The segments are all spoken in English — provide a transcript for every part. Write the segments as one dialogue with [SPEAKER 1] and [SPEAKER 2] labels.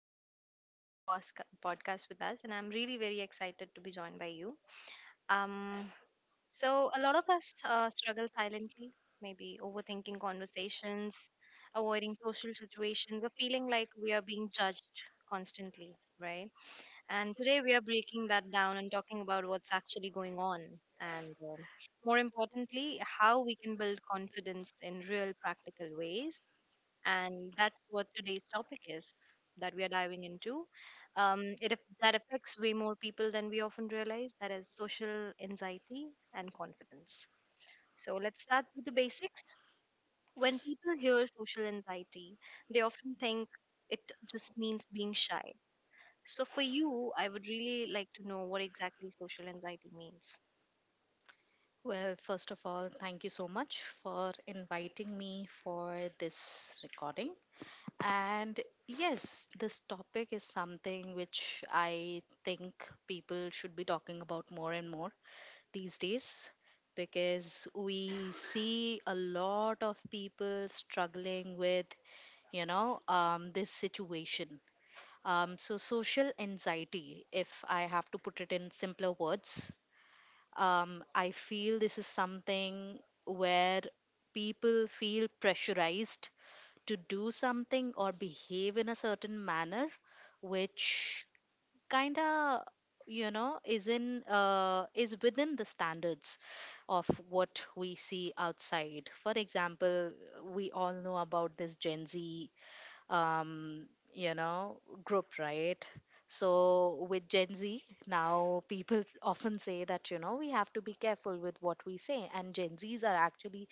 [SPEAKER 1] being with the podcast with us. And I'm really very excited to be joined by you. Um, so, a lot of us struggle silently, maybe overthinking conversations, avoiding social situations, or feeling like we are being judged constantly, right? And today we are breaking that down and talking about what's actually going on. And more importantly, how we can build confidence in real practical ways, and that's what today's topic is that we are diving into. That affects way more people than we often realize. That is social anxiety and confidence. So let's start with the basics. When people hear social anxiety, they often think it just means being shy. So for you, I would really like to know what exactly social anxiety means.
[SPEAKER 2] Well, first of all, thank you so much for inviting me for this recording. And yes, this topic is something which I think people should be talking about more and more these days because we see a lot of people struggling with, this situation. Social anxiety, if I have to put it in simpler words, I feel this is something where people feel pressurized to do something or behave in a certain manner, which kind of is in is within the standards of what we see outside. For example, we all know about this Gen Z um, you know, group, right? So with Gen Z, now people often say that, you know, we have to be careful with what we say. And Gen Zs are actually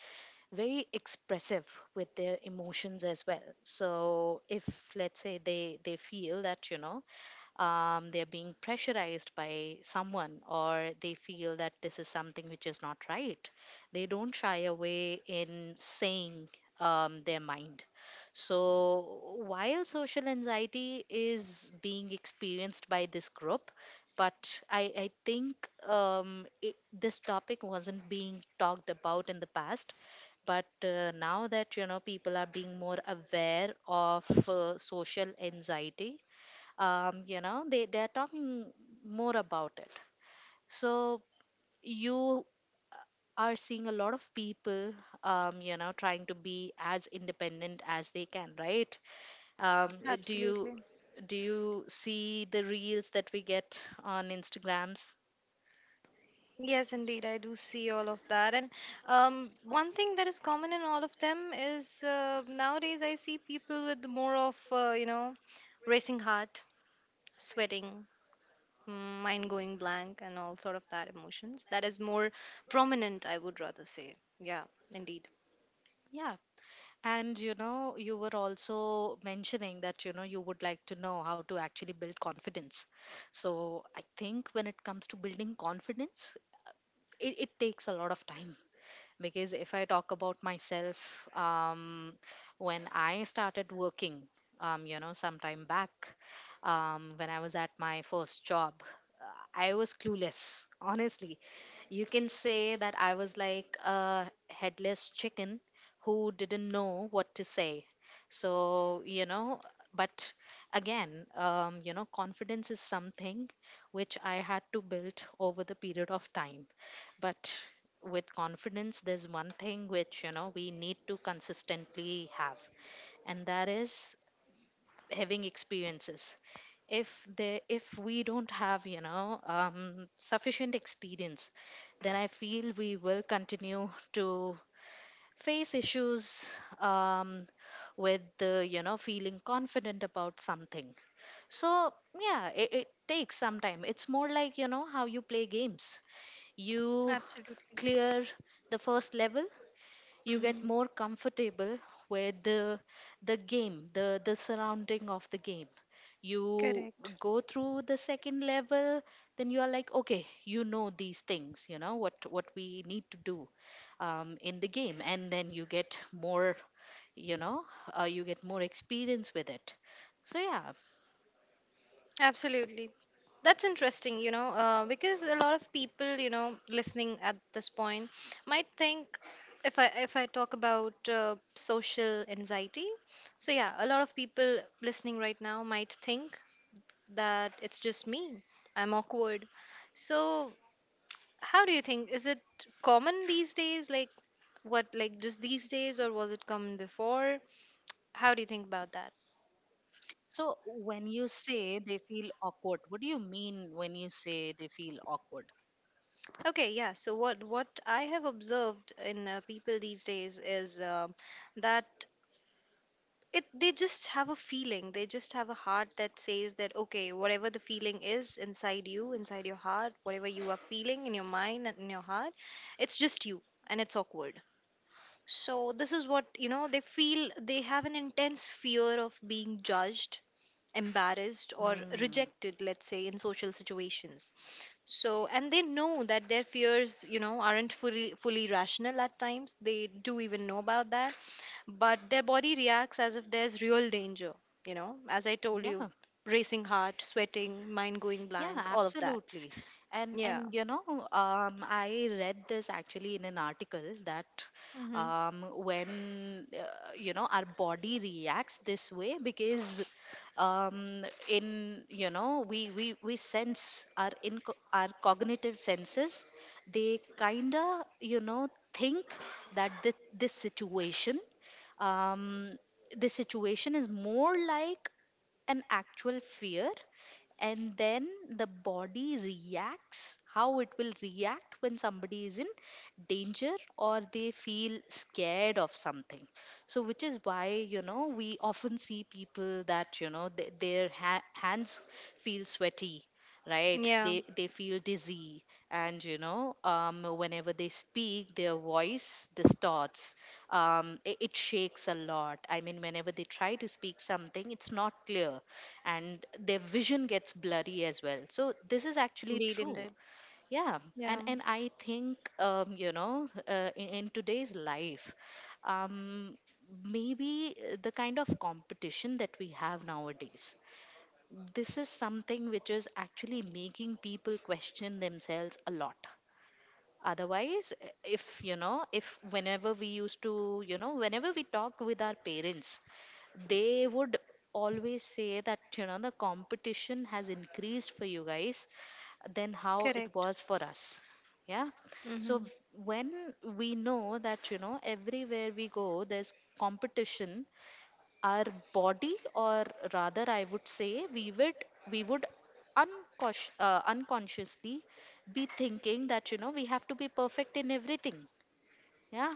[SPEAKER 2] very expressive with their emotions as well. So if, let's say, they feel that, they're being pressurized by someone, or they feel that this is something which is not right, they don't shy away in saying their mind. So, while social anxiety is being experienced by this group, but I think this topic wasn't being talked about in the past. But now that, you know, people are being more aware of social anxiety, you know, they are talking more about it. So you are seeing a lot of people, you know, trying to be as independent as they can, right? um, uh, do you do you see the reels that we get on instagrams?
[SPEAKER 1] Yes, indeed, I do see all of that. And one thing that is common in all of them is nowadays I see people with more of, racing heart, sweating, mm, mind going blank, and all sort of that emotions. That is more prominent, I would rather say. Yeah, indeed.
[SPEAKER 2] Yeah. And you know, you were also mentioning that, you know, you would like to know how to actually build confidence. So I think when it comes to building confidence, it takes a lot of time, because if I talk about myself, when I started working, you know, sometime back, when I was at my first job, I was clueless honestly. You can say that I was like a headless chicken who didn't know what to say. So you know. But again, you know, confidence is something which I had to build over the period of time. But with confidence, there's one thing which, you know, we need to consistently have, and that is having experiences. If we don't have, sufficient experience, then I feel we will continue to face issues with the, you know, feeling confident about something. So yeah, it takes some time. It's more like, you know, how you play games. You
[SPEAKER 1] Absolutely.
[SPEAKER 2] clear the first level, you get
[SPEAKER 1] Mhm.
[SPEAKER 2] more comfortable with the game, the surrounding of the game. You
[SPEAKER 1] Correct.
[SPEAKER 2] go through the second level, then you are like, okay, you know these things, you know what we need to do in the game. And then you get more, you know, you get more experience with it. So yeah.
[SPEAKER 1] Absolutely. That's interesting, you know, because a lot of people, you know, listening at this point might think, if I talk about social anxiety, so yeah, a lot of people listening right now might think that it's just me. I'm awkward. So how do you think? Is it common these days? Like what? Like just these days, or was it common before? How do you think about that?
[SPEAKER 2] So, when you say they feel awkward, what do you mean when you say they feel awkward?
[SPEAKER 1] Okay, yeah. So what I have observed in people these days is that it they just have a feeling. They just have a heart that says that okay, whatever the feeling is inside you, inside your heart, whatever you are feeling in your mind and in your heart, it's just you and it's awkward. So this is what, you know, they feel. They have an intense fear of being judged, embarrassed or
[SPEAKER 2] Hmm.
[SPEAKER 1] rejected, let's say in social situations. So and they know that their fears, you know, aren't fully rational at times. They do even know about that, but their body reacts as if there's real danger. You know, as I told you,
[SPEAKER 2] Yeah.
[SPEAKER 1] racing heart, sweating, mind going
[SPEAKER 2] Yeah,
[SPEAKER 1] blank, all of that.
[SPEAKER 2] absolutely. And
[SPEAKER 1] Yeah.
[SPEAKER 2] and you know, I read this actually in an article that
[SPEAKER 1] Mm-hmm.
[SPEAKER 2] when, you know, our body reacts this way because, in you know, we sense our in our cognitive senses, they kinda, you know, think that this situation, um, this situation is more like an actual fear, and then the body reacts how it will react when somebody is in danger or they feel scared of something. So which is why, you know, we often see people that, you know, hands feel sweaty, right,
[SPEAKER 1] Yeah.
[SPEAKER 2] they feel dizzy, and you know, whenever they speak, their voice distorts. It shakes a lot. I mean, whenever they try to speak something, it's not clear, and their vision gets blurry as well. So this is actually
[SPEAKER 1] Indeed,
[SPEAKER 2] true.
[SPEAKER 1] indeed.
[SPEAKER 2] Yeah.
[SPEAKER 1] Yeah.
[SPEAKER 2] And I think, you know, in today's life, um maybe the kind of competition that we have nowadays, this is something which is actually making people question themselves a lot. Otherwise, if, you know, if whenever we used to, you know, whenever we talk with our parents, they would always say that, you know, the competition has increased for you guys than how it
[SPEAKER 1] Correct.
[SPEAKER 2] was for us. Yeah.
[SPEAKER 1] Mm-hmm.
[SPEAKER 2] so v- when we know that, you know, everywhere we go, there's competition, our body, or rather I would say we would, we would unconsciously be thinking that, you know, we have to be perfect in everything. Yeah.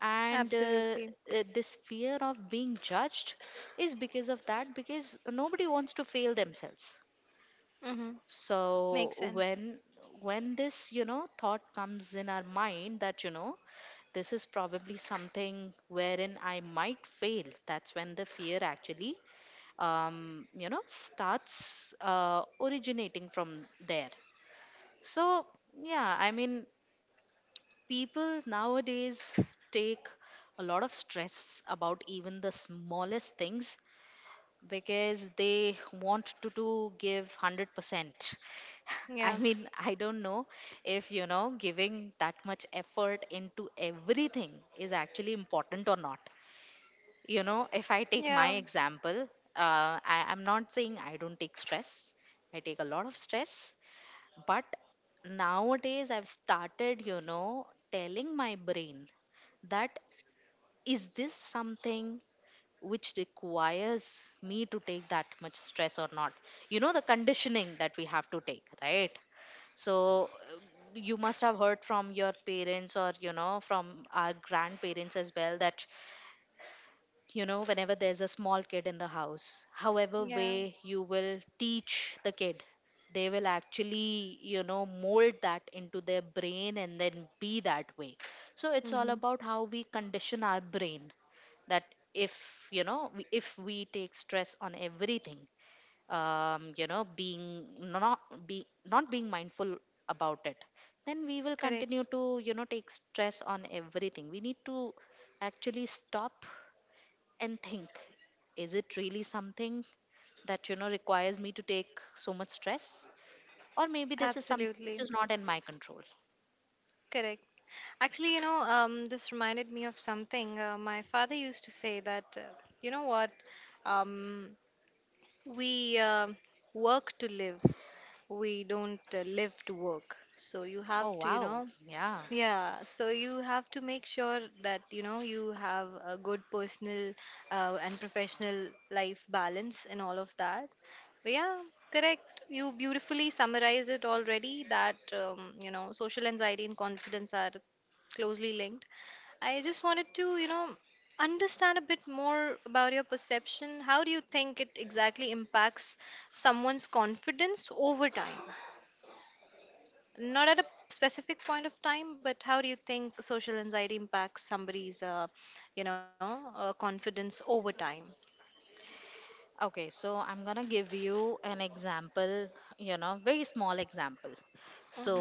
[SPEAKER 2] And
[SPEAKER 1] Absolutely.
[SPEAKER 2] this fear of being judged is because of that, because nobody wants to fail themselves.
[SPEAKER 1] Mm-hmm.
[SPEAKER 2] so
[SPEAKER 1] Makes sense.
[SPEAKER 2] when when this, you know, thought comes in our mind that, you know, this is probably something wherein I might fail, that's when the fear actually, you know, starts originating from there. So yeah, I mean, people nowadays take a lot of stress about even the smallest things because they want to give 100%.
[SPEAKER 1] Yeah.
[SPEAKER 2] I mean, I don't know if, you know, giving that much effort into everything is actually important or not. You know, if I take
[SPEAKER 1] Yeah.
[SPEAKER 2] my example, I'm not saying I don't take stress, I take a lot of stress, but nowadays I've started, you know, telling my brain that is this something which requires me to take that much stress or not. You know, the conditioning that we have to take, right? So you must have heard from your parents, or you know, from our grandparents as well, that, you know, whenever there's a small kid in the house, however
[SPEAKER 1] Yeah.
[SPEAKER 2] way you will teach the kid, they will actually, you know, mold that into their brain and then be that way. So it's all
[SPEAKER 1] Mm-hmm.
[SPEAKER 2] about how we condition our brain. That if, if we take stress on everything, you know, being not be not being mindful about it, then we will
[SPEAKER 1] Correct.
[SPEAKER 2] continue to, you know, take stress on everything. We need to actually stop and think, is it really something that, you know, requires me to take so much stress, or maybe this is something which
[SPEAKER 1] Absolutely.
[SPEAKER 2] is not in my control.
[SPEAKER 1] Correct. Actually, you know, this reminded me of something. My father used to say that, you know what, um, we work to live, we don't live to work. So you
[SPEAKER 2] Oh
[SPEAKER 1] have to, you
[SPEAKER 2] wow.
[SPEAKER 1] know,
[SPEAKER 2] Yeah.
[SPEAKER 1] yeah, so you have to make sure that, you know, you have a good personal and professional life balance and all of that. But yeah, correct, you beautifully summarized it already that, you know, social anxiety and confidence are closely linked. I just wanted to, you know, understand a bit more about your perception. How do you think it exactly impacts someone's confidence over time? Not at a specific point of time, but how do you think social anxiety impacts somebody's, confidence over time?
[SPEAKER 2] Okay, so I'm gonna give you an example, you know, very small example.
[SPEAKER 1] Hmm.
[SPEAKER 2] So,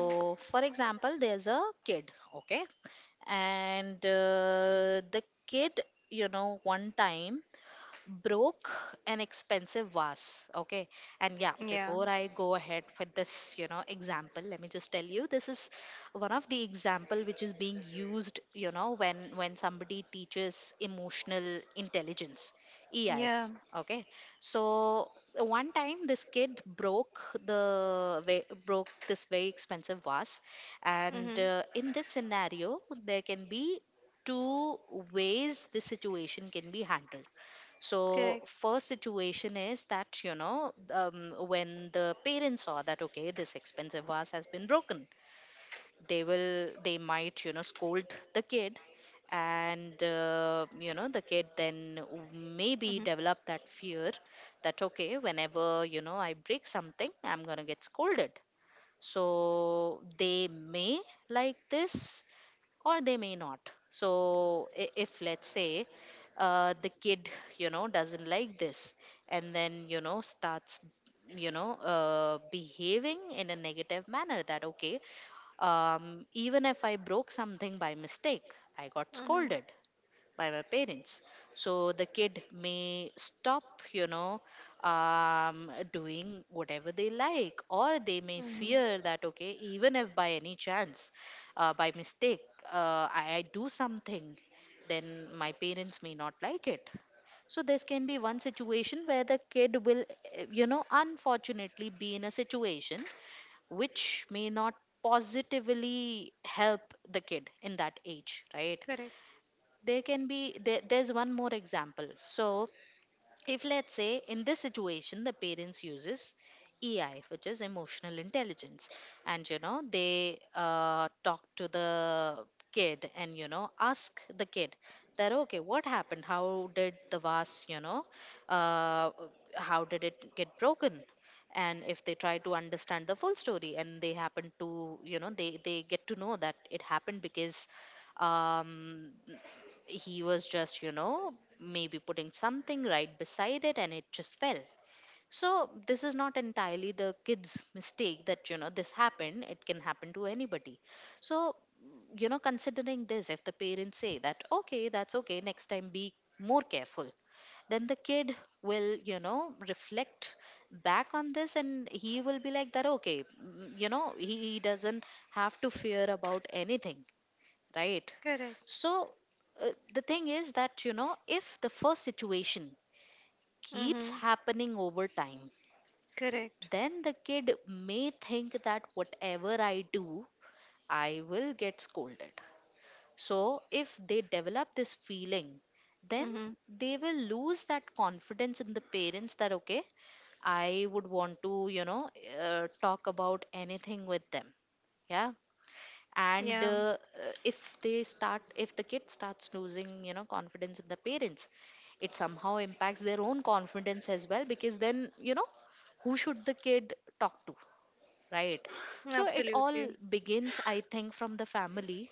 [SPEAKER 2] for example, there's a kid, okay, and the kid, you know, one time broke an expensive vase, okay. And yeah,
[SPEAKER 1] Yeah.
[SPEAKER 2] before I go ahead with this, you know, example, let me just tell you, this is one of the example which is being used, you know, when somebody teaches emotional intelligence, EI.
[SPEAKER 1] Yeah.
[SPEAKER 2] Okay. So one time this kid broke broke this very expensive vase. And
[SPEAKER 1] Mm-hmm.
[SPEAKER 2] in this scenario, there can be two ways the situation can be handled. So
[SPEAKER 1] Correct.
[SPEAKER 2] first situation is that, you know, when the parents saw that, okay, this expensive vase has been broken, they might, you know, scold the kid. And you know, the kid then
[SPEAKER 1] Mm-hmm.
[SPEAKER 2] maybe develop that fear that, okay, whenever, you know, I break something, I'm going to get scolded. So they may like this, or they may not. So if, let's say, the kid, you know, doesn't like this, and then, you know, starts, you know, behaving in a negative manner, that okay, even if I broke something by mistake, I got
[SPEAKER 1] Mm-hmm.
[SPEAKER 2] scolded by my parents. So the kid may stop, you know, doing whatever they like, or they may
[SPEAKER 1] Mm-hmm.
[SPEAKER 2] fear that, okay, even if by any chance, by mistake, I do something, then my parents may not like it. So this can be one situation where the kid will, you know, unfortunately be in a situation which may not positively help the kid in that age, right?
[SPEAKER 1] Correct.
[SPEAKER 2] there can be There's one more example. So if, let's say, in this situation, the parents uses EI, which is emotional intelligence, and you know, they talk to the kid, and you know, ask the kid that, okay, what happened, how did the vase, you know, uh, how did it get broken. And if they try to understand the full story, and they happen to, you know, they get to know that it happened because, um he was just, you know, maybe putting something right beside it and it just fell. So, this is not entirely the kid's mistake that, you know, this happened. It can happen to anybody. So, you know, considering this, if the parents say that, okay, that's okay, next time be more careful, then the kid will, you know, reflect back on this and he will be like that okay, you know, he doesn't have to fear about anything, right?
[SPEAKER 1] Correct.
[SPEAKER 2] So uh, the thing is that, you know, if the first situation keeps
[SPEAKER 1] Mm-hmm.
[SPEAKER 2] happening over time,
[SPEAKER 1] Correct.
[SPEAKER 2] then the kid may think that whatever I do, I will get scolded. So if they develop this feeling, then
[SPEAKER 1] Mm-hmm.
[SPEAKER 2] they will lose that confidence in the parents that, okay, I would want to, talk about anything with them. Yeah. and
[SPEAKER 1] Yeah.
[SPEAKER 2] If the kid starts losing, you know, confidence in the parents, it somehow impacts their own confidence as well, because then, you know, who should the kid talk to, right? So it all
[SPEAKER 1] Absolutely.
[SPEAKER 2] begins, I think, from the family.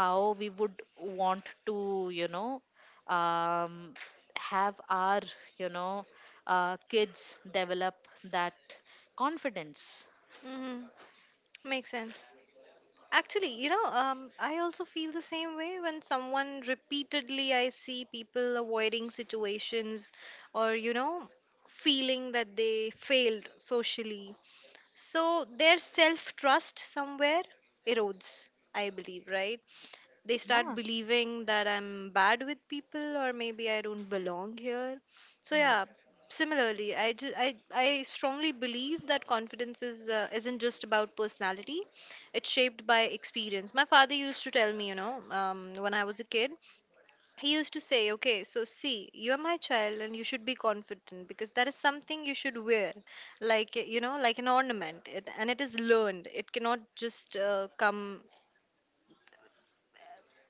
[SPEAKER 2] How we would want to, um, have our, you know, kids develop that confidence.
[SPEAKER 1] Mm-hmm. Makes sense. Actually, you know, I also feel the same way. When someone repeatedly, I see people avoiding situations or, you know, feeling that they failed socially, so their self trust somewhere erodes, I believe, right? They start
[SPEAKER 2] Yeah.
[SPEAKER 1] believing that I'm bad with people, or maybe I don't belong here. So
[SPEAKER 2] Mm.
[SPEAKER 1] yeah, similarly, I just I strongly believe that confidence is isn't just about personality. It's shaped by experience. My father used to tell me, you know, when I was a kid, he used to say, okay, so see, you are my child and you should be confident because that is something you should wear, like, you know, like an ornament, it, and it is learned. It cannot just come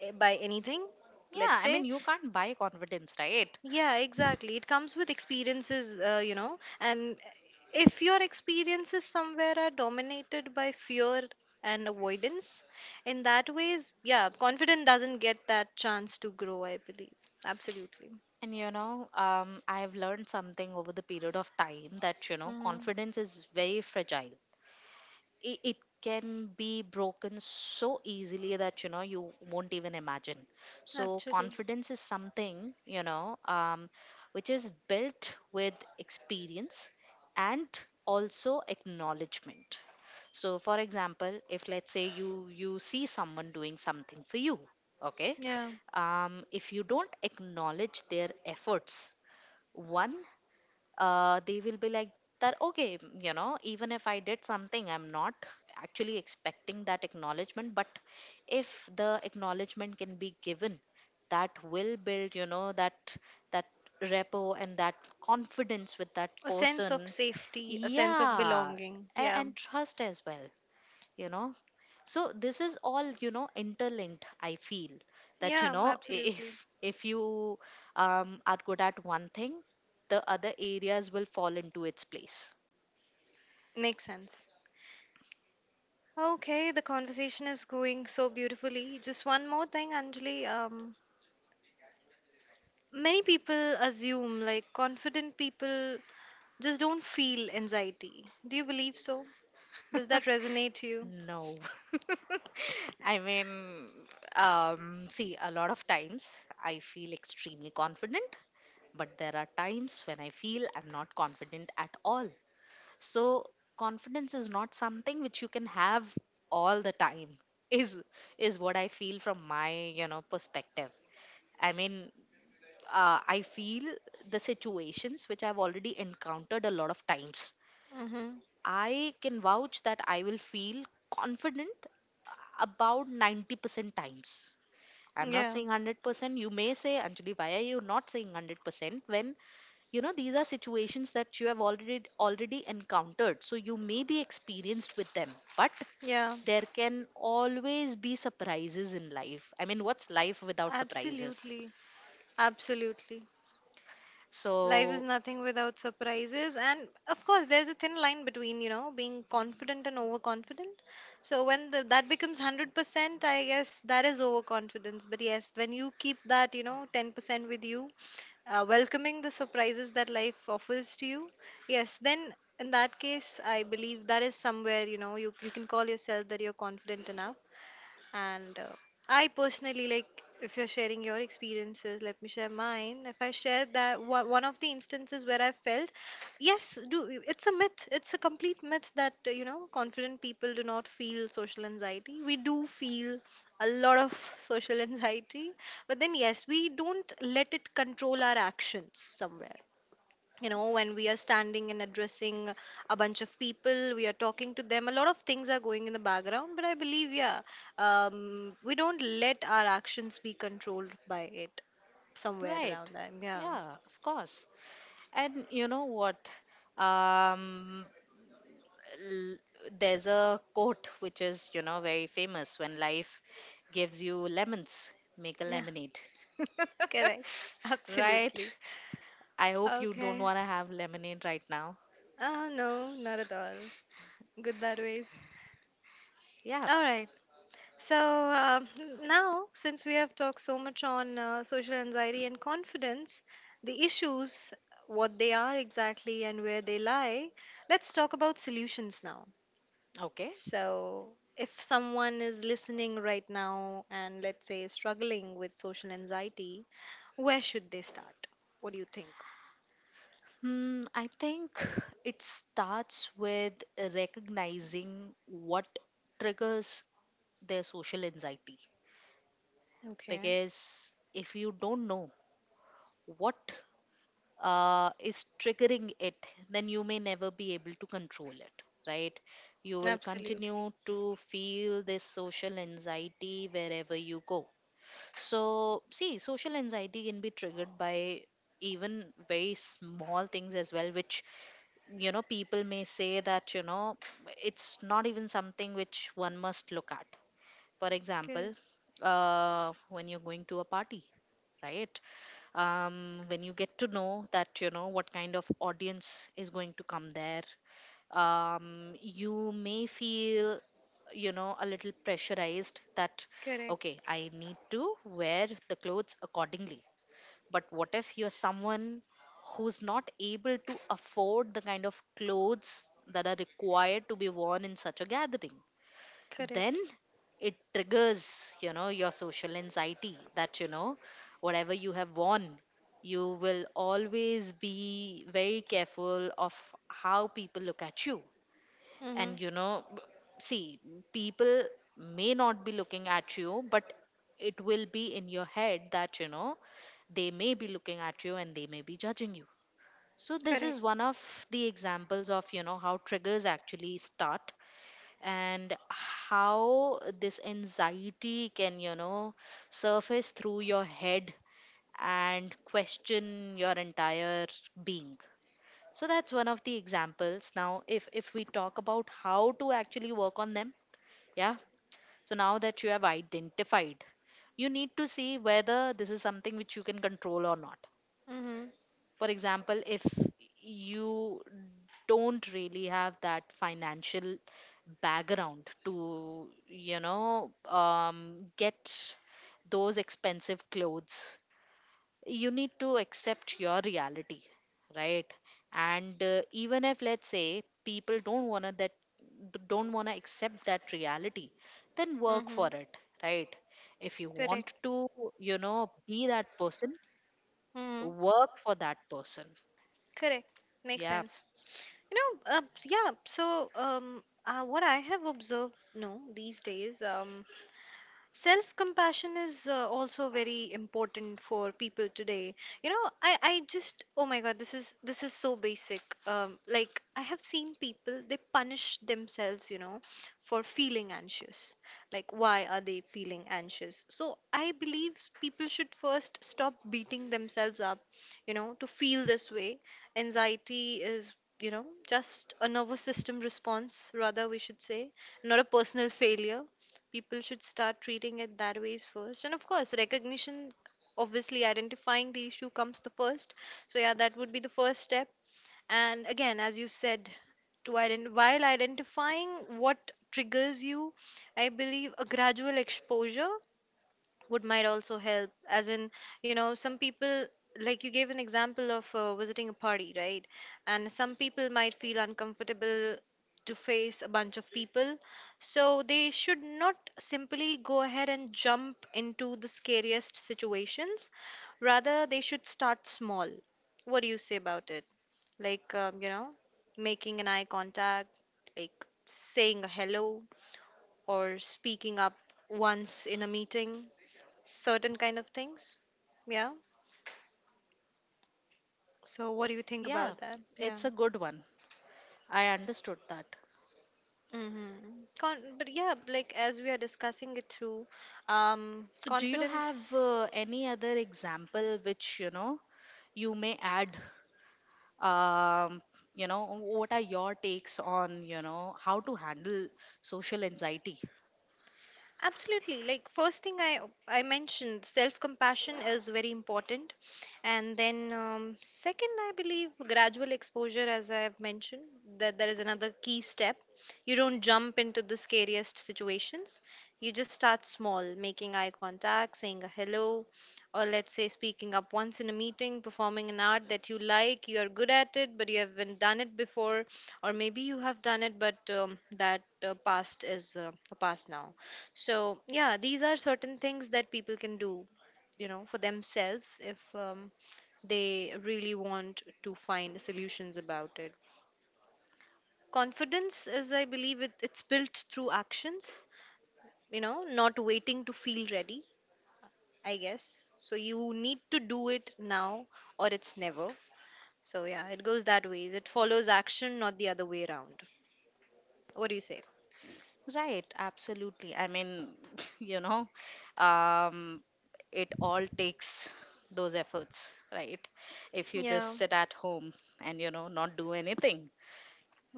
[SPEAKER 1] by anything,
[SPEAKER 2] Yeah,
[SPEAKER 1] let's
[SPEAKER 2] I mean,
[SPEAKER 1] say.
[SPEAKER 2] you can't buy confidence, right?
[SPEAKER 1] Yeah, exactly. It comes with experiences, you know, and if your experiences somewhere are dominated by fear and avoidance, in that ways, yeah, confidence doesn't get that chance to grow, I believe. Absolutely.
[SPEAKER 2] And you know, I've learned something over the period of time that, you know,
[SPEAKER 1] Hmm.
[SPEAKER 2] confidence is very fragile. It can be broken so easily that, you know, you won't even imagine. So,
[SPEAKER 1] Actually,
[SPEAKER 2] confidence is something, you know, which is built with experience and also acknowledgement. So, for example, if let's say you see someone doing something for you, okay,
[SPEAKER 1] yeah.
[SPEAKER 2] if you don't acknowledge their efforts, one, they will be like that okay, you know, even if I did something, I'm not actually expecting that acknowledgement, but if the acknowledgement can be given, that will build, you know, that that repo and that confidence with that
[SPEAKER 1] A sense of
[SPEAKER 2] person.
[SPEAKER 1] safety, a sense of
[SPEAKER 2] Yeah.
[SPEAKER 1] belonging.
[SPEAKER 2] and,
[SPEAKER 1] Yeah.
[SPEAKER 2] and trust as well, you know. So this is all, you know, interlinked, I feel, that you
[SPEAKER 1] Yeah,
[SPEAKER 2] know,
[SPEAKER 1] absolutely.
[SPEAKER 2] if you are good at one thing, the other areas will fall into its place.
[SPEAKER 1] Makes sense. Okay, the conversation is going so beautifully. Just one more thing, Anjali. Many people assume like confident people just don't feel anxiety. Do you believe so? Does that resonate to you?
[SPEAKER 2] No. I mean, see, a lot of times I feel extremely confident, but there are times when I feel I'm not confident at all. So, confidence is not something which you can have all the time. Is is what I feel from my, you know, perspective. I mean, I feel the situations which I've already encountered a lot of times.
[SPEAKER 1] Mm-hmm.
[SPEAKER 2] I can vouch that I will feel confident about 90% times. I'm not
[SPEAKER 1] Yeah.
[SPEAKER 2] saying 100%. You may say, Anjali, why are you not saying 100% when, you know, these are situations that you have already encountered. So you may be experienced with them, but
[SPEAKER 1] Yeah.
[SPEAKER 2] there can always be surprises in life. I mean, what's life without surprises?
[SPEAKER 1] Absolutely. Absolutely. Life is
[SPEAKER 2] So.
[SPEAKER 1] nothing without surprises, and of course there's a thin line between, you know, being confident and overconfident. So when that becomes 100%, I guess that is overconfidence. But yes, when you keep that, you know, 10% with you, welcoming the surprises that life offers to you, yes, then in that case I believe that is somewhere, you know, you can call yourself that you're confident enough. And I personally like, if you're sharing your experiences, let me share mine. If I share that, one of the instances where I felt, yes, do, it's a myth. It's a complete myth that you know, confident people do not feel social anxiety. We do feel a lot of social anxiety, but then yes, we don't let it control our actions somewhere. You know, when we are standing and addressing a bunch of people, we are talking to them, a lot of things are going in the background, but I believe, yeah, we don't let our actions be controlled by it somewhere
[SPEAKER 2] Right.
[SPEAKER 1] around them. Yeah.
[SPEAKER 2] Yeah, of course. And you know what? Um, l- there's a quote which is, you know, very famous: when life gives you lemons, make a
[SPEAKER 1] Yeah.
[SPEAKER 2] lemonade.
[SPEAKER 1] Correct. Absolutely.
[SPEAKER 2] Right. I hope you don't
[SPEAKER 1] Okay.
[SPEAKER 2] want to have lemonade right now.
[SPEAKER 1] Uh, no, not at all. Good that ways.
[SPEAKER 2] Yeah.
[SPEAKER 1] All right. So now, since we have talked so much on social anxiety and confidence, the issues, what they are exactly and where they lie, let's talk about solutions now.
[SPEAKER 2] Okay.
[SPEAKER 1] So, if someone is listening right now and let's say struggling with social anxiety, where should they start? What do you think?
[SPEAKER 2] Hmm, I think it starts with recognizing what triggers their social anxiety.
[SPEAKER 1] Okay,
[SPEAKER 2] Because if you don't know what is triggering it, then you may never be able to control it, right? You will
[SPEAKER 1] absolutely.
[SPEAKER 2] continue to feel this social anxiety wherever you go. So, see, social anxiety can be triggered by even very small things as well, which, you know, people may say that, you know, it's not even something which one must look at. For example,
[SPEAKER 1] Correct,
[SPEAKER 2] when you're going to a party, right? When you get to know that, you know, what kind of audience is going to come there, you may feel, you know, a little pressurized that,
[SPEAKER 1] correct,
[SPEAKER 2] okay, I need to wear the clothes accordingly. But what if you're someone who's not able to afford the kind of clothes that are required to be worn in such a gathering? Then
[SPEAKER 1] correct.
[SPEAKER 2] it triggers, you know, your social anxiety that you know, whatever you have worn, you will always be very careful of how people look at you.
[SPEAKER 1] Mm-hmm.
[SPEAKER 2] And you know, see, people may not be looking at you, but it will be in your head that, you know, they may be looking at you and they may be judging you. So this
[SPEAKER 1] Correct.
[SPEAKER 2] is one of the examples of, you know, how triggers actually start and how this anxiety can, you know, surface through your head and question your entire being. So that's one of the examples. Now, if we talk about how to actually work on them, yeah. So now that you have identified, you need to see whether this is something which you can control or not.
[SPEAKER 1] Mm-hmm.
[SPEAKER 2] For example, if you don't really have that financial background to, get those expensive clothes, you need to accept your reality, right? And even if let's say people don't want to accept that reality, then work for
[SPEAKER 1] Mm-hmm.
[SPEAKER 2] it, right? If you
[SPEAKER 1] Correct.
[SPEAKER 2] want to, you know, be that person,
[SPEAKER 1] Mm-hmm.
[SPEAKER 2] work for that person.
[SPEAKER 1] Correct. Makes
[SPEAKER 2] Yeah.
[SPEAKER 1] sense. You know, yeah. So, what I have observed, no, these days, self compassion is also very important for people today. You know, I just, oh my god, this is so basic. Like, I have seen people, they punish themselves, you know, for feeling anxious. Like, why are they feeling anxious? So I believe people should first stop beating themselves up, you know, to feel this way. Anxiety is, you know, just a nervous system response, rather we should say, not a personal failure. People should start treating it that ways first, and of course recognition, obviously identifying the issue comes the first. So yeah, that would be the first step. And again, as you said, to while identifying what triggers you, I believe a gradual exposure would might also help. As in, you know, some people, like you gave an example of visiting a party, right? And some people might feel uncomfortable to face a bunch of people, so they should not simply go ahead and jump into the scariest situations, rather they should start small. What do you say about it? Like, you know, making an eye contact, like saying a hello, or speaking up once in a meeting, certain kind of things. Yeah. So what do you think
[SPEAKER 2] Yeah,
[SPEAKER 1] about that? Yeah.
[SPEAKER 2] it's a good one. I understood that.
[SPEAKER 1] Mm-hmm. But yeah, like as we are discussing it through,
[SPEAKER 2] So, do you have
[SPEAKER 1] confidence.
[SPEAKER 2] any other example which, you know, you may add? Um, you know, what are your takes on, you know, how to handle social anxiety?
[SPEAKER 1] Absolutely. Like, first thing I mentioned, self compassion is very important, and then second, I believe gradual exposure, as I have mentioned, that that is another key step. You don't jump into the scariest situations. You just start small, making eye contact, saying a hello, or let's say speaking up once in a meeting, performing an art that you like, you are good at it, but you haven't done it before, or maybe you have done it, but that past is a past now. So, yeah, these are certain things that people can do, you know, for themselves, if they really want to find solutions about it. Confidence is, I believe, it's built through actions, you know, not waiting to feel ready, I guess. So, you need to do it now or it's never. So, yeah, it goes that ways. It follows action, not the other way around. What do you say?
[SPEAKER 2] Right, absolutely. I mean, you know, um, it all takes those efforts, right? If you just
[SPEAKER 1] Yeah.
[SPEAKER 2] sit at home and, you know, not do anything,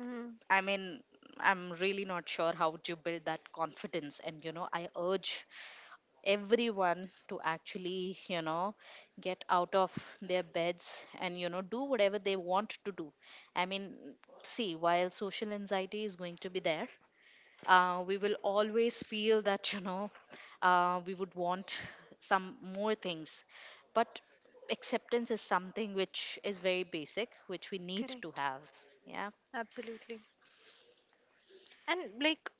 [SPEAKER 1] Hmm.
[SPEAKER 2] I mean, I'm really not sure how to build that confidence. And, you know, I urge everyone to actually, you know, get out of their beds and, you know, do whatever they want to do. I mean, see, while social anxiety is going to be there, we will always feel that, you know, we would want some more things. But acceptance is something which is very basic, which we need to
[SPEAKER 1] Correct.
[SPEAKER 2] have. Yeah.
[SPEAKER 1] Absolutely. And like,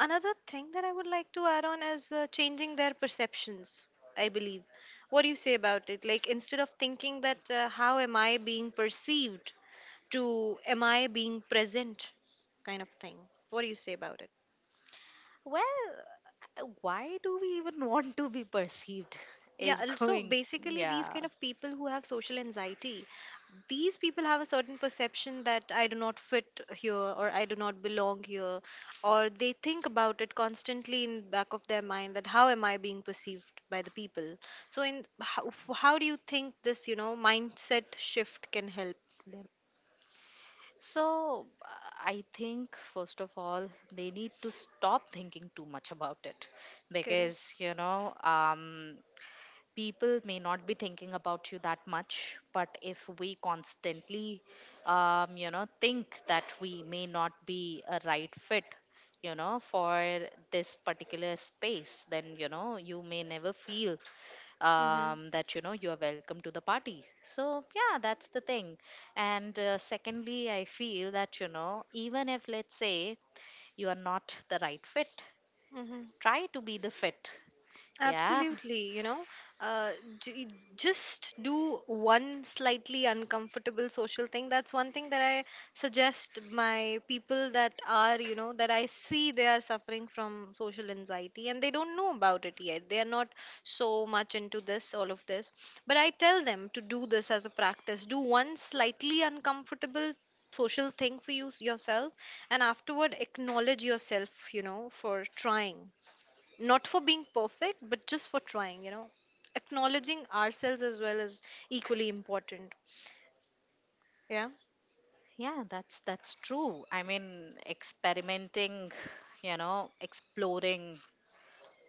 [SPEAKER 1] another thing that I would like to add on is changing their perceptions, I believe. What do you say about it? Like, instead of thinking that, how am I being perceived, to am I being present, kind of thing? What do you say about it?
[SPEAKER 2] Well, why do we even want to be perceived
[SPEAKER 1] Yeah,
[SPEAKER 2] is
[SPEAKER 1] also
[SPEAKER 2] going,
[SPEAKER 1] basically these
[SPEAKER 2] yeah.
[SPEAKER 1] kind of people who have social anxiety, these people have a certain perception that I do not fit here or I do not belong here, or they think about it constantly in back of their mind, that how am I being perceived by the people? So in how do you think this, you know, mindset shift can help them?
[SPEAKER 2] So I think first of all, they need to stop thinking too much about it, because
[SPEAKER 1] Correct.
[SPEAKER 2] you know, people may not be thinking about you that much, but if we constantly, you know, think that we may not be a right fit, you know, for this particular space, then you know, you may never feel,
[SPEAKER 1] Mm-hmm.
[SPEAKER 2] that you know, you are welcome to the party. So yeah, that's the thing. And secondly, I feel that, you know, even if let's say you are not the right fit,
[SPEAKER 1] Mm-hmm.
[SPEAKER 2] try to be the fit. Yeah.
[SPEAKER 1] Absolutely, you know, uh, j- just do one slightly uncomfortable social thing. That's one thing that I suggest my people that are, you know, that I see they are suffering from social anxiety and they don't know about it yet. They are not so much into this, all of this. But I tell them to do this as a practice. Do one slightly uncomfortable social thing for you yourself, and afterward acknowledge yourself, you know, for trying, not for being perfect, but just for trying. You know, acknowledging ourselves as well is equally important. Yeah.
[SPEAKER 2] Yeah, that's true. I mean, experimenting, you know, exploring,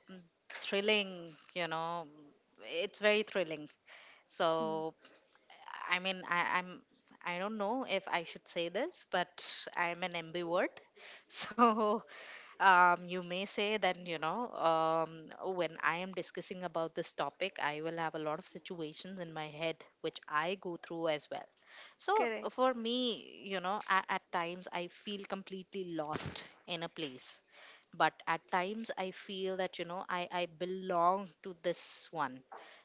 [SPEAKER 2] mm, thrilling, you know, it's very thrilling.
[SPEAKER 1] Mm.
[SPEAKER 2] So, I mean, I don't know if I should say this, but I'm an ambivert. So, you may say that, you know, when I am discussing about this topic, I will have a lot of situations in my head which I go through as well. So
[SPEAKER 1] Correct.
[SPEAKER 2] for me, you know, at times I feel completely lost in a place, but at times I feel that, you know, I belong to this one.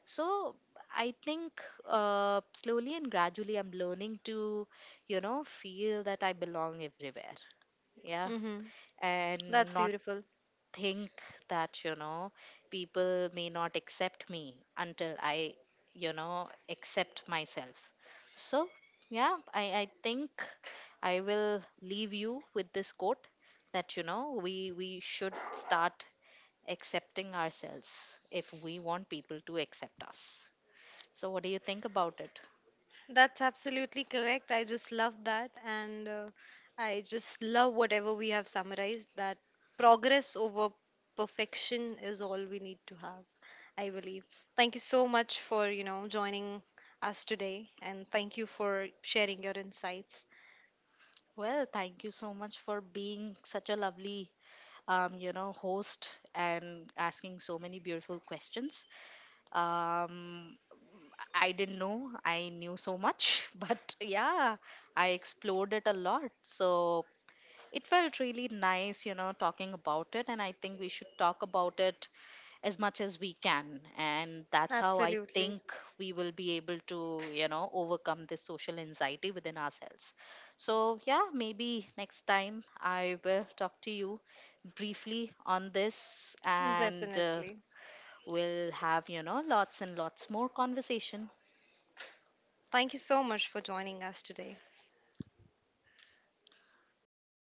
[SPEAKER 2] So I think, slowly and gradually, I'm learning to, you know, feel that I belong everywhere. Yeah.
[SPEAKER 1] Mm-hmm. That's
[SPEAKER 2] And not
[SPEAKER 1] beautiful.
[SPEAKER 2] think that, you know, people may not accept me until I, you know, accept myself. So yeah, I think I will leave you with this quote, that you know, we should start accepting ourselves if we want people to accept us. So what do you think about it?
[SPEAKER 1] That's absolutely correct. I just love that. And I just love whatever we have summarized, that progress over perfection is all we need to have, I believe. Thank you so much for, you know, joining us today. And thank you for sharing your insights.
[SPEAKER 2] Well, thank you so much for being such a lovely, you know, host, and asking so many beautiful questions. Um, I didn't know I knew so much, but yeah, I explored it a lot. So it felt really nice, you know, talking about it. And I think we should talk about it as much as we can. And that's how I
[SPEAKER 1] Absolutely.
[SPEAKER 2] think we will be able to, you know, overcome this social anxiety within ourselves. So yeah, maybe next time I will talk to you briefly on this, and
[SPEAKER 1] Definitely.
[SPEAKER 2] we'll have, you know, lots and lots more conversation.
[SPEAKER 1] Thank you so much for joining us today.